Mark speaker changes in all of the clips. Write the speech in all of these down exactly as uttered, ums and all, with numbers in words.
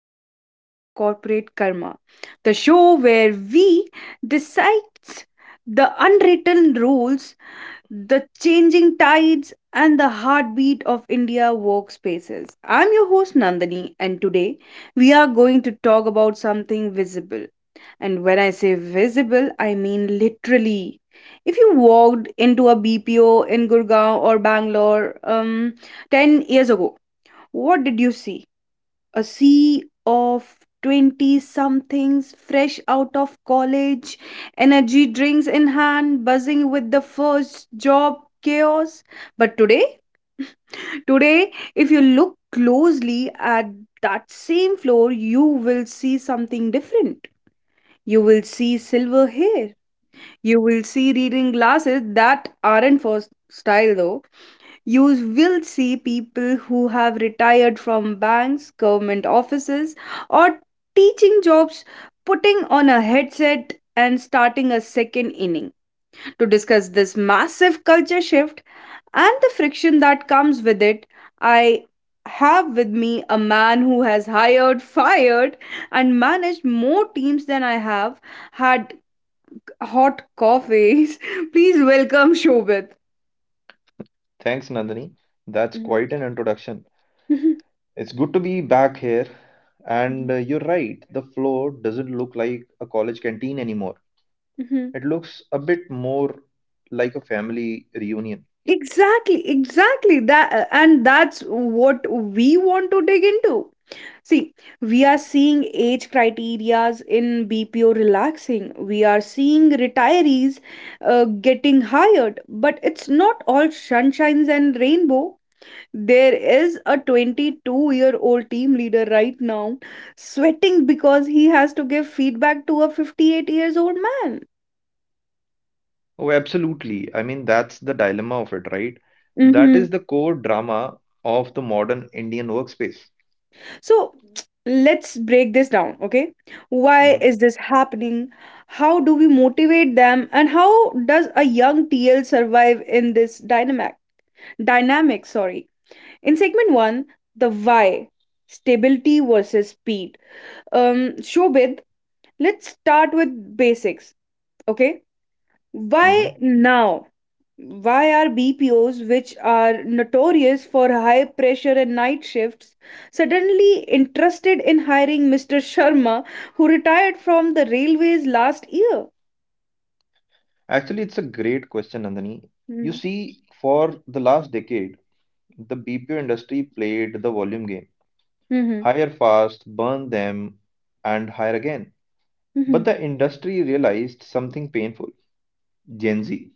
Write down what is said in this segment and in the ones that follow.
Speaker 1: episode of Corporate Karma, the show where we decide the unwritten rules, the changing tides, and the heartbeat of India workspaces. I'm your host Nandini, and today we are going to talk about something visible, and when I say visible, I mean literally. If you walked into a B P O in Gurgaon or Bangalore um, ten years ago, what did you see? A sea of twenty somethings fresh out of college, energy drinks in hand, buzzing with the first job chaos. But today, today, if you look closely at that same floor, you will see something different. You will see silver hair. You will see reading glasses that aren't for s- style though. You will see people who have retired from banks, government offices, or teaching jobs, putting on a headset and starting a second inning. To discuss this massive culture shift and the friction that comes with it, I have with me a man who has hired, fired, and managed more teams than I have had hot coffees. Please welcome Shobit.
Speaker 2: Thanks, Nandini. That's
Speaker 1: Mhm.
Speaker 2: quite an introduction.
Speaker 1: Mhm.
Speaker 2: It's good to be back here. And
Speaker 1: Mhm.
Speaker 2: uh, you're right, the floor doesn't look like a college canteen anymore.
Speaker 1: Mhm.
Speaker 2: It looks a bit more like a family reunion.
Speaker 1: Exactly, exactly. That uh, and that's what we want to dig into. See, we are seeing age criterias in B P O relaxing. We are seeing retirees uh, getting hired, but it's not all sunshines and rainbow. There is a twenty-two-year-old team leader right now, sweating because he has to give feedback to a fifty-eight years old man.
Speaker 2: Oh, absolutely. I mean, that's the dilemma of it, right? That
Speaker 1: Mm-hmm.
Speaker 2: is the core drama of the modern Indian workspace.
Speaker 1: So, let's break this down, okay? Why
Speaker 2: Mhm,
Speaker 1: is this happening? How do we motivate them? And how does a young T L survive in this dynamic? Dynamic, sorry. In segment one, the why, stability versus speed. Um, Shobit, let's start with basics, okay? Why
Speaker 2: mhm.
Speaker 1: now? Why are B P Os, which are notorious for high pressure and night shifts, suddenly interested in hiring Mister Sharma, who retired from the railways last year?
Speaker 2: Actually, it's a great question, Nandini. You
Speaker 1: Mm-hmm.
Speaker 2: see, for the last decade, the B P O industry played the volume game.
Speaker 1: Mm-hmm.
Speaker 2: Hire fast, burn them, and hire again. But the industry realized something painful. Gen Z.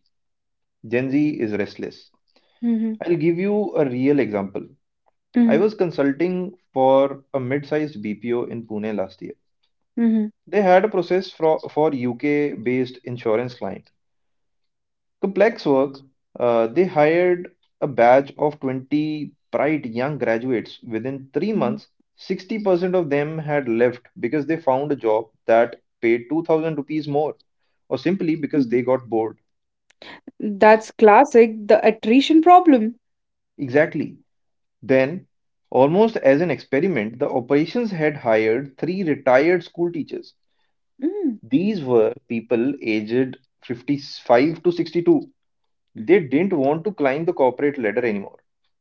Speaker 2: Gen Z is restless.
Speaker 1: Hmm.
Speaker 2: I'll give you a real example. I was consulting for a mid sized B P O in Pune last year.
Speaker 1: Hmm.
Speaker 2: They had a process for, for U K based insurance client. Complex work, uh, they hired a batch of twenty bright young graduates. Within three
Speaker 1: Hmm.
Speaker 2: months, sixty percent of them had left because they found a job that paid two thousand rupees more, or simply because they got bored.
Speaker 1: That's classic, the attrition problem.
Speaker 2: Exactly. Then, almost as an experiment, the operations head hired three retired school teachers. These were people aged fifty-five to sixty-two. They didn't want to climb the corporate ladder anymore.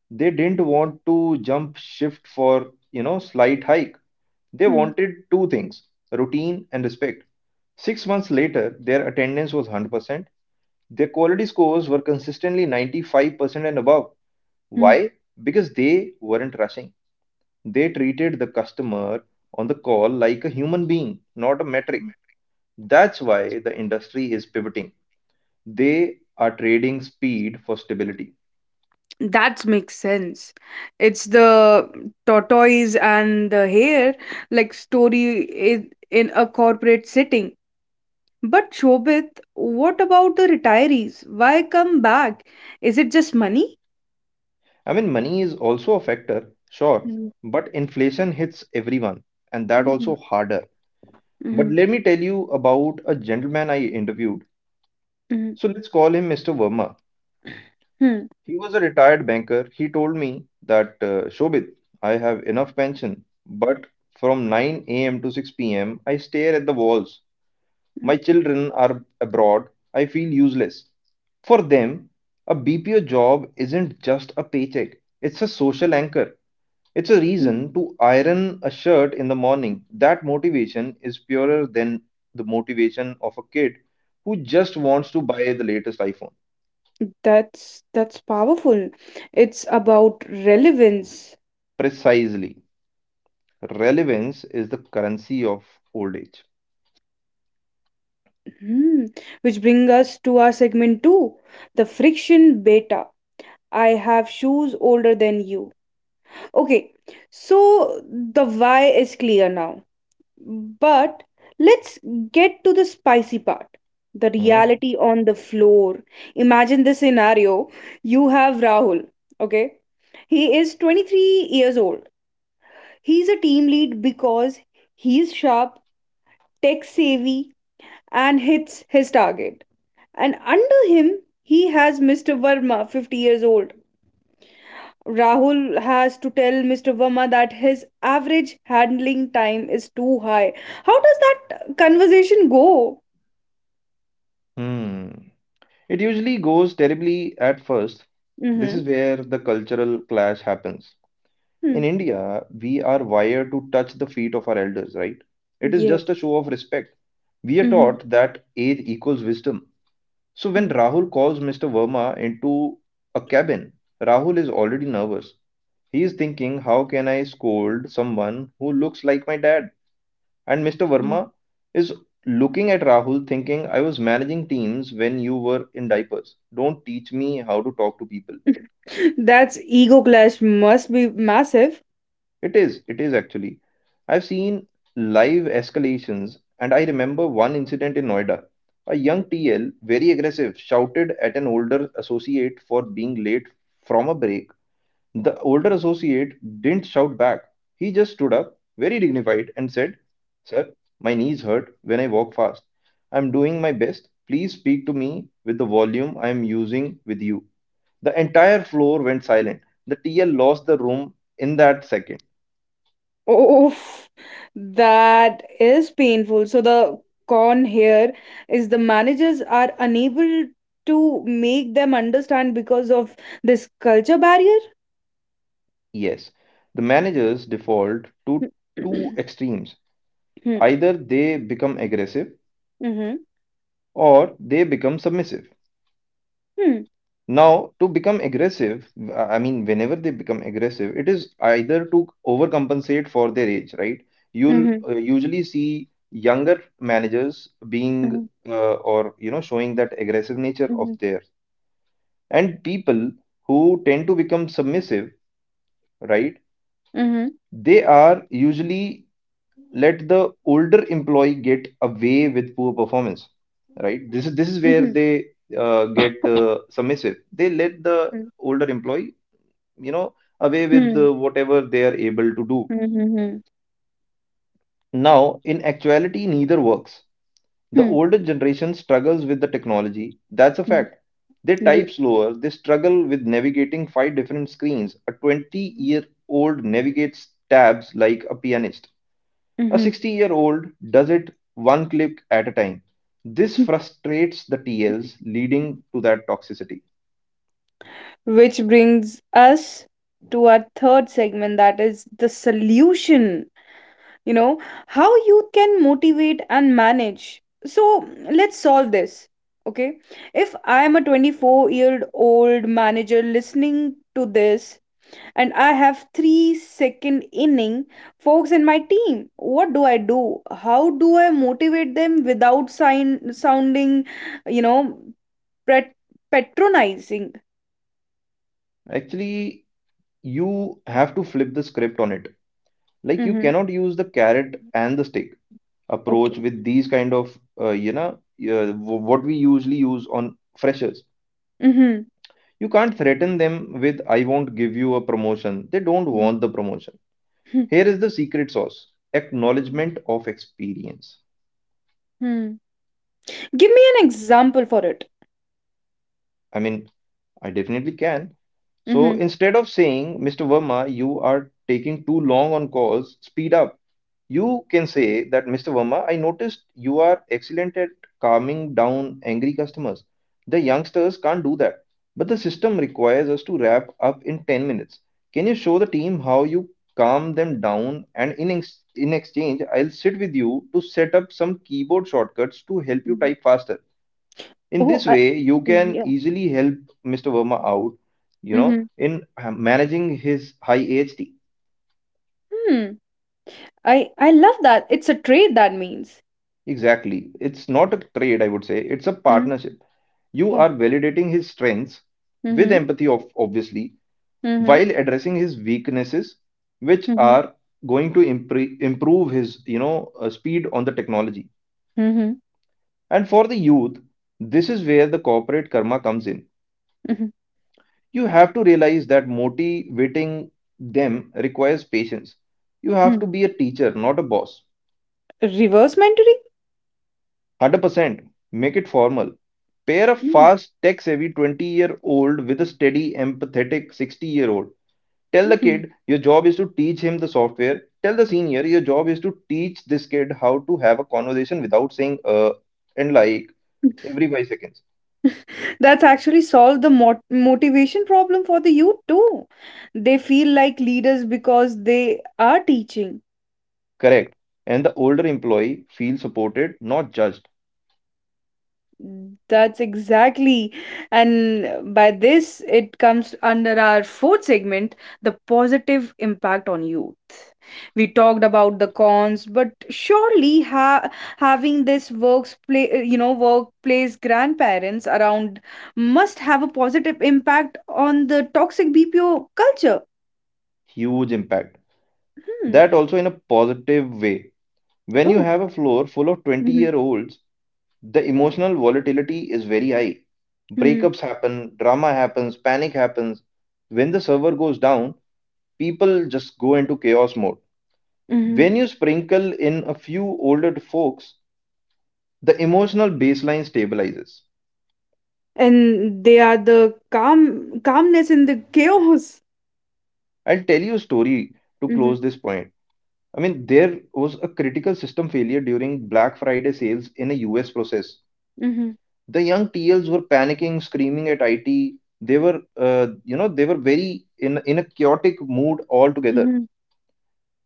Speaker 2: They didn't want to jump shift for, you know, slight hike. They
Speaker 1: Mm-hmm.
Speaker 2: wanted two things, routine and respect. Six months later, their attendance was one hundred percent. Their quality scores were consistently ninety-five percent and above. Why? Because they weren't rushing. They treated the customer on the call like a human being, not a metric. That's why the industry is pivoting. They are trading speed for stability.
Speaker 1: That makes sense. It's the tortoise and the hare like story i- in a corporate setting. But Shobit, what about the retirees? Why come back? Is it just money?
Speaker 2: I mean, money is also a factor, sure, but inflation hits everyone, and that
Speaker 1: Mm-hmm.
Speaker 2: also harder. But
Speaker 1: Hmm.
Speaker 2: let me tell you about a gentleman I interviewed.
Speaker 1: Hmm.
Speaker 2: So let's call him mister Verma.
Speaker 1: Hmm.
Speaker 2: He was a retired banker. He told me that, uh, Shobit, I have enough pension, but from nine a m to six p m, I stare at the walls. My children are abroad. I feel useless. For them, a B P O job isn't just a paycheck, it's a social anchor. It's a
Speaker 1: Hmm.
Speaker 2: reason to iron a shirt in the morning. That motivation is purer than the motivation of a kid who just wants to buy the latest iPhone.
Speaker 1: That's that's powerful. It's about relevance.
Speaker 2: Precisely. Relevance is the currency of old age.
Speaker 1: Hmm. Which bring us to our segment two, the friction beta. I have shoes older than you. Okay, so the why is clear now. But let's get to the spicy part. The
Speaker 2: Mhm.
Speaker 1: reality on the floor. Imagine this scenario. You have Rahul, okay? He is twenty-three years old. He's a team lead because he's sharp, tech savvy, and hits his target. And under him, he has Mister Verma, fifty years old. Rahul has to tell Mister Verma that his average handling time is too high. How does that conversation go?
Speaker 2: Hmm. It usually goes terribly at first. This
Speaker 1: Mm-hmm.
Speaker 2: is where the cultural clash happens.
Speaker 1: Hmm.
Speaker 2: In India, we are wired to touch the feet of our elders, right? It is just
Speaker 1: Yes.
Speaker 2: a show of respect. We are
Speaker 1: Mm-hmm.
Speaker 2: taught that age equals wisdom. So when
Speaker 1: Hmm.
Speaker 2: Rahul calls mister Verma into a cabin, Rahul is already nervous. He is thinking, how can I scold someone who looks like my dad? And mister
Speaker 1: Hmm.
Speaker 2: Verma is looking at Rahul thinking, I was managing teams when you were in diapers. Don't teach me how to talk to people.
Speaker 1: That's ego clash must be massive.
Speaker 2: It is, it is actually. I've seen live escalations, and I remember one incident in Noida. A young T L, very aggressive, shouted at an older associate for being late from a break. The older associate didn't shout back. He just stood up, very dignified, and said, sir, my knees hurt when I walk fast. I'm doing my best. Please speak to me with the volume I'm using with you. The entire floor went silent. The T L lost the room in that second.
Speaker 1: Oof, that is painful. So the con here is the managers are unable to make them understand because of this culture barrier.
Speaker 2: Yes, the managers default to two extremes. Either they become aggressive
Speaker 1: Mm-hmm.
Speaker 2: or they become submissive. Now, to become aggressive, w- I mean, whenever they become aggressive, it is either to overcompensate for their age, right? You'll
Speaker 1: Mm-hmm.
Speaker 2: uh, usually see younger managers being uh, or you know showing that aggressive nature
Speaker 1: Mm-hmm.
Speaker 2: of theirs, and people who tend to become submissive, right?
Speaker 1: Mhm.
Speaker 2: They are usually let the older employee get away with poor performance, right? This is this is where
Speaker 1: Mhm.
Speaker 2: they uh, get uh, submissive. They let the
Speaker 1: Mhm.
Speaker 2: older employee you know, away with
Speaker 1: Mhm.
Speaker 2: uh, whatever they are able to do.
Speaker 1: Mhm.
Speaker 2: Now, in actuality, neither works. The
Speaker 1: Mhm.
Speaker 2: older generation struggles with the technology. That's a
Speaker 1: Mhm.
Speaker 2: fact. They
Speaker 1: Yeah.
Speaker 2: type slower, they struggle with navigating five different screens. A twenty year old navigates tabs like a pianist, a
Speaker 1: Mhm.
Speaker 2: sixty year old does it one click at a time. This frustrates the T Ls, leading to that toxicity.
Speaker 1: Which brings us to our third segment, that is the solution. You know, how youth can motivate and manage. So let's solve this. Okay. If I am a twenty-four year old manager listening to this, and I have three second inning folks in my team, what do I do? How do I motivate them without sign- sounding, you know, pret- patronizing?
Speaker 2: Actually, you have to flip the script on it. Like you
Speaker 1: Mm-hmm.
Speaker 2: cannot use the carrot and the stick
Speaker 1: Okay.
Speaker 2: approach with these kind of uh, you know uh, w- what we usually use on freshers.
Speaker 1: Mm-hmm.
Speaker 2: You can't threaten them with I won't give you a promotion. They don't
Speaker 1: Mhm.
Speaker 2: want the promotion.
Speaker 1: Mhm.
Speaker 2: Here is the secret sauce, acknowledgement of experience.
Speaker 1: Hmm. Give me an example for it.
Speaker 2: I mean, I definitely can. So
Speaker 1: Mm-hmm.
Speaker 2: instead of saying, mister Verma, you are taking too long on calls, speed up. You can say that, mister Verma, I noticed you are excellent at calming down angry customers. The youngsters can't do that, but the system requires us to wrap up in ten minutes. Can you show the team how you calm them down? And in, ex- in exchange, I'll sit with you to set up some keyboard shortcuts to help you
Speaker 1: Mhm.
Speaker 2: type faster. In
Speaker 1: Oh,
Speaker 2: this
Speaker 1: I,
Speaker 2: way you can
Speaker 1: yeah.
Speaker 2: easily help Mr. Verma out, you know,
Speaker 1: Mm-hmm.
Speaker 2: in ha- managing his high A H T.
Speaker 1: Hmm. I I love that. It's a trade that means.
Speaker 2: Exactly. It's not a trade, I would say it's a
Speaker 1: Hmm.
Speaker 2: partnership. You
Speaker 1: Oh.
Speaker 2: are validating his strengths with
Speaker 1: Mm-hmm.
Speaker 2: empathy, of obviously,
Speaker 1: Mm-hmm.
Speaker 2: while addressing his weaknesses, which
Speaker 1: Mm-hmm.
Speaker 2: are going to impre- improve his you know uh, speed on the technology.
Speaker 1: Mm-hmm.
Speaker 2: And for the youth, this is where the corporate karma comes in.
Speaker 1: Mm-hmm.
Speaker 2: You have to realize that motivating them requires patience. You have
Speaker 1: Hmm.
Speaker 2: to be a teacher, not a boss.
Speaker 1: Reverse mentoring?
Speaker 2: one hundred percent. Make it formal. Pair a
Speaker 1: Mm.
Speaker 2: fast, tech savvy twenty year old with a steady, empathetic sixty year old. Tell the
Speaker 1: Mhm.
Speaker 2: kid your job is to teach him the software. Tell the senior your job is to teach this kid how to have a conversation without saying uh and like every five seconds.
Speaker 1: That's actually solved the mot motivation problem for the youth too. They feel like leaders because they are teaching.
Speaker 2: Correct. And the older employee feels supported, not judged.
Speaker 1: That's exactly. And by this, it comes under our fourth segment, the positive impact on youth. We talked about the cons, but surely ha having this works play, you know, workplace grandparents around must have a positive impact on the toxic B P O culture.
Speaker 2: Huge impact.
Speaker 1: Mm.
Speaker 2: That also in a positive way. When you
Speaker 1: Oh.
Speaker 2: have a floor full of 20
Speaker 1: Mhm.
Speaker 2: year olds, the emotional volatility is very high.
Speaker 1: Mm.
Speaker 2: Breakups happen, drama happens, panic happens. When the server goes down, people just go into chaos mode.
Speaker 1: Mhm.
Speaker 2: When you sprinkle in a few older folks, the emotional baseline stabilizes.
Speaker 1: And they are the calm calmness in the chaos.
Speaker 2: I'll tell you a story to
Speaker 1: Mhm.
Speaker 2: close this point. I mean, there was a critical system failure during Black Friday sales in a U S process.
Speaker 1: Mhm.
Speaker 2: The young T Ls were panicking, screaming at I T. They were, uh, you know, they were very in in a chaotic mood altogether.
Speaker 1: Mhm.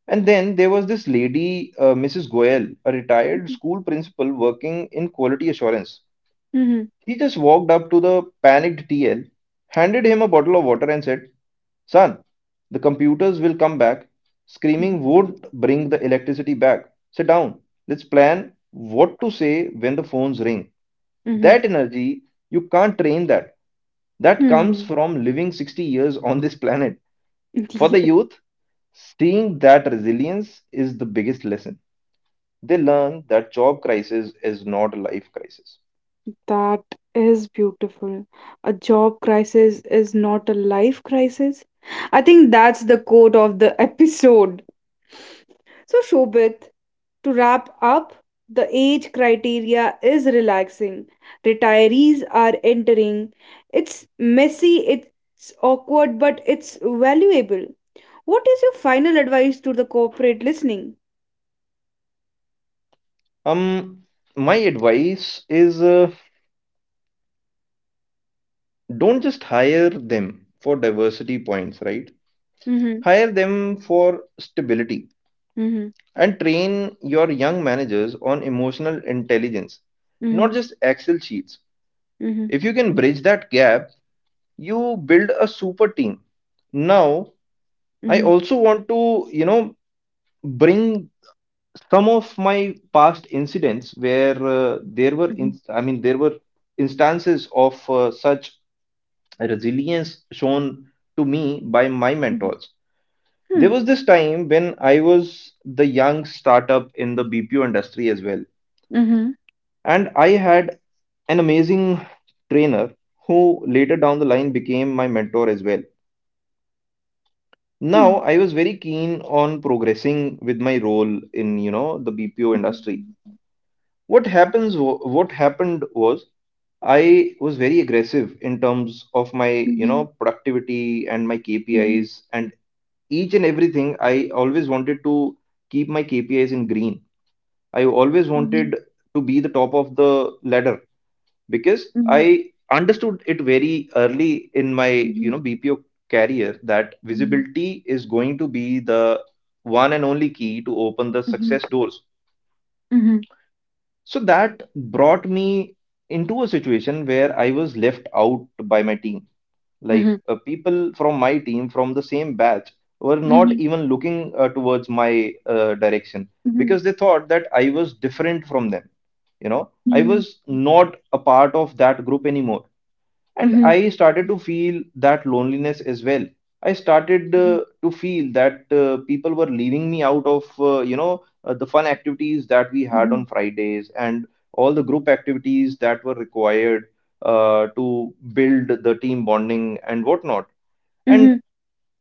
Speaker 2: And then there was this lady, uh, missus Goel, a retired
Speaker 1: Mhm.
Speaker 2: school principal working in quality assurance.
Speaker 1: Mhm.
Speaker 2: She just walked up to the panicked T L, handed him a bottle of water, and said, "Son, the computers will come back.
Speaker 1: Mhm.
Speaker 2: Screaming won't bring the electricity back. Sit down. Let's plan what to say when the phones ring."
Speaker 1: Mhm.
Speaker 2: That energy, you can't train that. That comes
Speaker 1: Hmm.
Speaker 2: from living sixty years on this planet. For the youth, seeing that resilience is the biggest lesson. They learn that job crisis is not a life crisis.
Speaker 1: That is beautiful. A job crisis is not a life crisis. I think that's the quote of the episode. So, Shobit, to wrap up, the age criteria is relaxing. Retirees are entering. It's messy, it's awkward, but it's valuable. What is your final advice to the corporate listening?
Speaker 2: Um, my advice is uh, don't just hire them for diversity points, right?
Speaker 1: Mm-hmm.
Speaker 2: Hire them for stability
Speaker 1: Mm-hmm.
Speaker 2: and train your young managers on emotional intelligence, not just Excel sheets.
Speaker 1: Mm-hmm.
Speaker 2: If you can bridge that gap, you build a super team. Now, I
Speaker 1: Mm-hmm.
Speaker 2: also want to, you know, bring some of my past incidents where uh, there were,
Speaker 1: Mm-hmm.
Speaker 2: in, I mean, there were instances of uh, such resilience shown to me by my
Speaker 1: Mm-hmm.
Speaker 2: mentors. There
Speaker 1: Mm-hmm.
Speaker 2: was this time when I was the young startup in the B P O industry as well,
Speaker 1: Mm-hmm.
Speaker 2: and I had an amazing trainer who later down the line became my mentor as well. Now, I was very keen on progressing with my role in, you know, the B P O industry. What happens? wa- What happened was I was very aggressive in terms of my you know productivity and my K P Is and each and everything. I always wanted to keep my K P Is in green. I always wanted to be the top of the ladder because I understood it very early in my you know B P O career that visibility is going to be the one and only key to open the success doors. So that brought me into a situation where I was left out by my team. Like uh, people from my team, from the same batch, were not even looking uh, towards my uh, direction because they thought that I was different from them. You know, I was not a part of that group anymore, and i started to feel that loneliness as well. I started uh, to feel that uh, people were leaving me out of uh, you know uh, the fun activities that we had on Fridays and all the group activities that were required uh, to build the team bonding and whatnot. And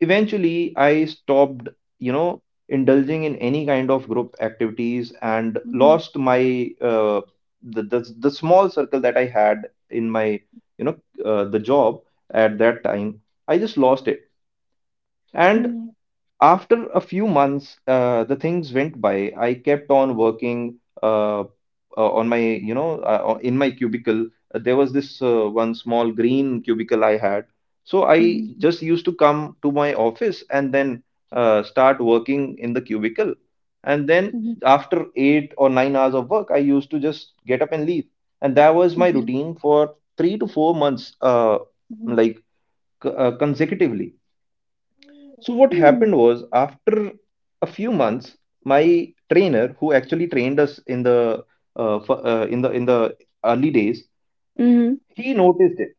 Speaker 2: eventually i stopped, you know indulging in any kind of group activities and lost my uh, the, the the small circle that i had in my, you know uh, the job at that time. I just lost it. And after a few months, uh, the things went by. I kept on working uh, uh, on my, you know, uh, in my cubicle. Uh, there was this uh, one small green cubicle I had. So I just used to come to my office and then uh, start working in the cubicle. And then after eight or nine hours of work, I used to just get up and leave. And that was my routine for three to four months, uh, like c- uh, consecutively. So what happened was, after a few months, my trainer, who actually trained us in the uh, f- uh, in the in the early days, he noticed it.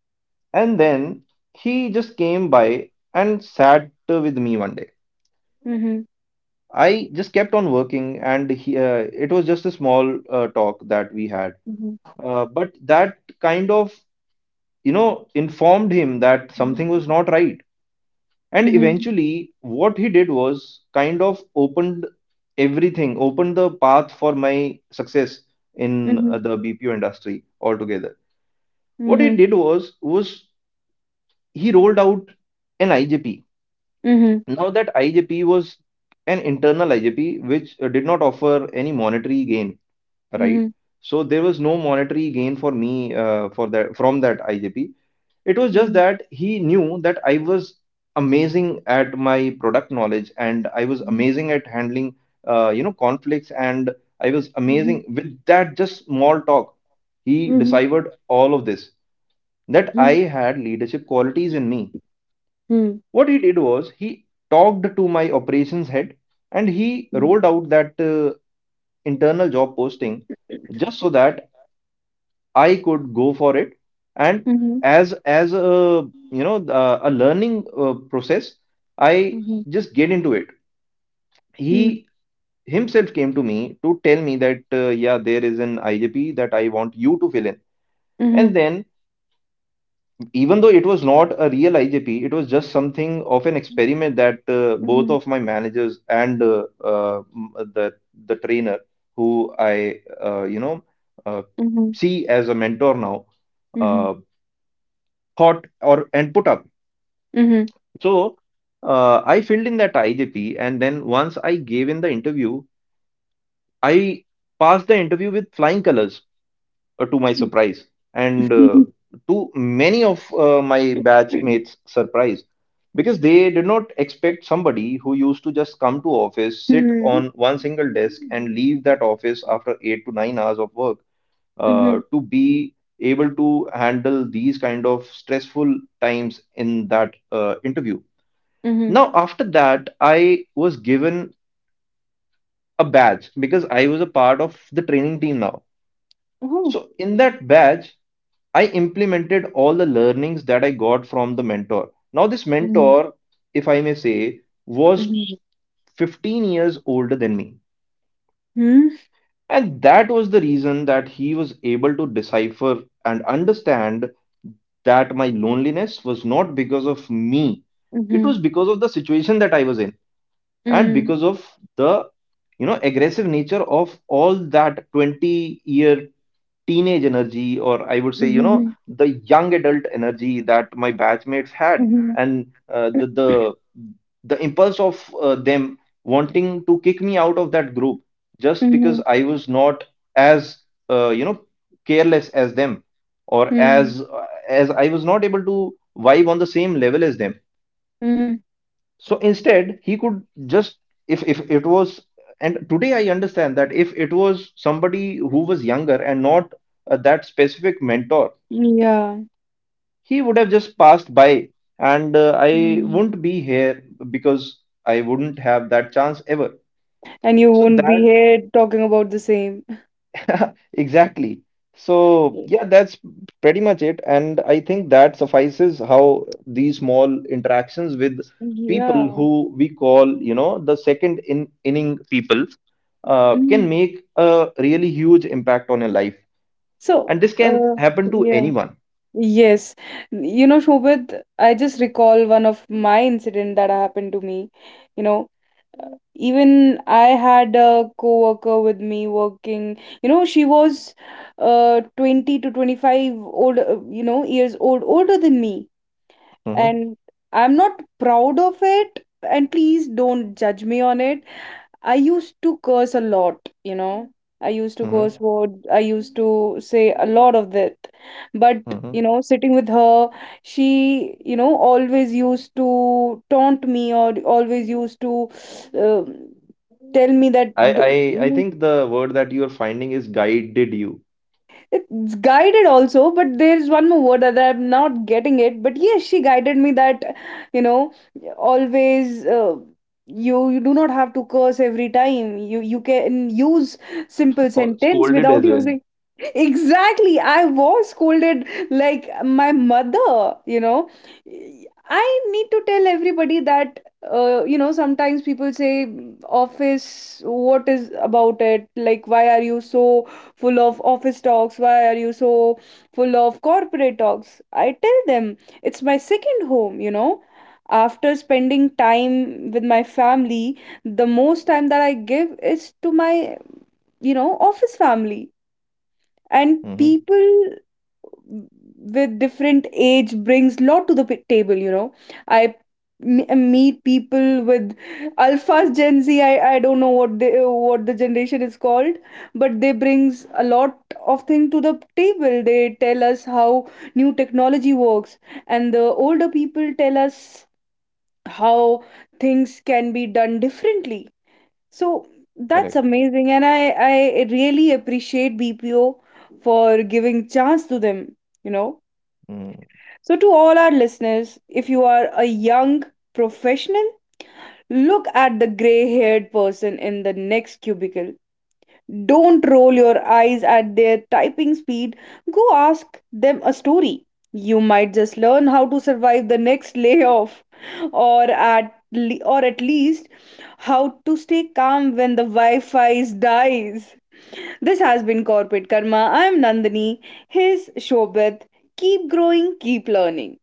Speaker 2: And then he just came by and sat with me one day. I just kept on working, and he, uh, it was just a small uh, talk that we had, uh, but that kind of, you know informed him that something was not right. And eventually what he did was kind of opened everything, opened the path for my success in uh, the bpo industry altogether. What he did was was he rolled out an I J P. Now that I J P was an internal I J P, which uh, did not offer any monetary gain, right? So there was no monetary gain for me uh, for that from that I J P. It was just that he knew that I was amazing at my product knowledge, and I was amazing at handling uh, you know conflicts, and I was amazing with that just small talk. He deciphered all of this, that I had leadership qualities in me. What he did was he talked to my operations head, and he rolled out that uh, internal job posting just so that I could go for it. And as as a, you know uh, a learning uh, process, I just get into it. He himself came to me to tell me that, uh, yeah, there is an I J P that I want you to fill in. And then, even though it was not a real I J P, it was just something of an experiment that uh, both of my managers and uh, uh, m- the the trainer, who I uh, you know uh, see as a mentor now, uh, thought or and put up. So uh, I filled in that I J P, and then once I gave in the interview, I passed the interview with flying colors, uh, to my surprise, and uh, to many of uh, my batch
Speaker 1: Mhm.
Speaker 2: mates' surprise, because they did not expect somebody who used to just come to office, sit on one single desk, and leave that office after eight to nine hours of work uh,
Speaker 1: Mhm.
Speaker 2: to be able to handle these kind of stressful times in that uh, interview.
Speaker 1: Mhm.
Speaker 2: Now, after that, I was given a badge, because I was a part of the training team now.
Speaker 1: Oh.
Speaker 2: So, in that badge, I implemented all the learnings that I got from the mentor. Now, this
Speaker 1: Mhm.
Speaker 2: mentor, if I may say, was
Speaker 1: Mhm.
Speaker 2: fifteen years older than me.
Speaker 1: Mhm.
Speaker 2: And that was the reason that he was able to decipher and understand that my loneliness was not because of me, it
Speaker 1: Mhm.
Speaker 2: was because of the situation that I was in. And
Speaker 1: Mhm.
Speaker 2: because of the, you know aggressive nature of all that twenty year teenage energy, or I would say, you know
Speaker 1: Mhm.
Speaker 2: the young adult energy that my batchmates had,
Speaker 1: Mhm.
Speaker 2: and uh, the the the impulse of uh, them wanting to kick me out of that group, just because
Speaker 1: Mhm.
Speaker 2: i was not as, uh, you know careless as them, or
Speaker 1: Mhm.
Speaker 2: as uh, as i was not able to vibe on the same level as them.
Speaker 1: Mhm.
Speaker 2: So instead, he could just, if if it was, and today I understand that if it was somebody who was younger and not uh, that specific mentor,
Speaker 1: Yeah.
Speaker 2: he would have just passed by, and uh, I
Speaker 1: Mm.
Speaker 2: wouldn't be here, because I wouldn't have that chance ever.
Speaker 1: And you
Speaker 2: So
Speaker 1: wouldn't be
Speaker 2: that.
Speaker 1: here talking about the same.
Speaker 2: Exactly. So,
Speaker 1: Y-
Speaker 2: yeah, that's pretty much it. And I think that suffices how these small interactions with people
Speaker 1: Yeah.
Speaker 2: who we call, you know, the second in inning people uh, can
Speaker 1: Mm.
Speaker 2: make a really huge impact on your life.
Speaker 1: So,
Speaker 2: And this can
Speaker 1: uh,
Speaker 2: happen to
Speaker 1: yeah.
Speaker 2: anyone.
Speaker 1: Yes. You know, Shobhit, I just recall one of my incident that happened to me. You know, even I had a coworker with me working you know she was uh twenty to twenty-five old uh, you know years old, older than me.
Speaker 2: Mm-hmm,
Speaker 1: And I'm not proud of it, and please don't judge me on it. I used to curse a lot. You know. I used to
Speaker 2: mm-hmm,
Speaker 1: curse word. I used to say a lot of that. But, you
Speaker 2: mm-hmm.
Speaker 1: know, sitting with her, she, you know, always used to taunt me, or always used to um tell me that,
Speaker 2: I, I I
Speaker 1: "Do-
Speaker 2: think the word that you are finding is guided you,
Speaker 1: it's guided also, but there's one more word that I'm not getting it, but yes, she guided me that you know always, uh, you you do not have to curse every time, you you can use simple
Speaker 2: or
Speaker 1: sentence
Speaker 2: scolded
Speaker 1: without
Speaker 2: as well.
Speaker 1: using. Exactly, I was scolded like my mother. You know, I need to tell everybody that uh, you know sometimes people say office, what is about it, like, why are you so full of office talks. Why are you so full of corporate talks? I tell them it's my second home, you know. After spending time with my family, the most time that I give is to my, you know, office family, and
Speaker 2: Mm-hmm,
Speaker 1: people with different age brings lot to the p- table you know i m- meet people with alphas gen z i i don't know what they what the generation is called, but they brings a lot of thing to the table. They tell us how new technology works, and the older people tell us how things can be done differently. So that's
Speaker 2: correct.
Speaker 1: amazing, and I I really appreciate B P O for giving chance to them, you know.
Speaker 2: Mm-hmm.
Speaker 1: So to all our listeners, if you are a young professional, look at the gray-haired person in the next cubicle. Don't roll your eyes at their typing speed. Go ask them a story. You might just learn how to survive the next layoff, or at le- or at least how to stay calm when the Wi-Fi dies. This has been Corporate Karma. I am Nandini. His Shobit. Keep growing, keep learning.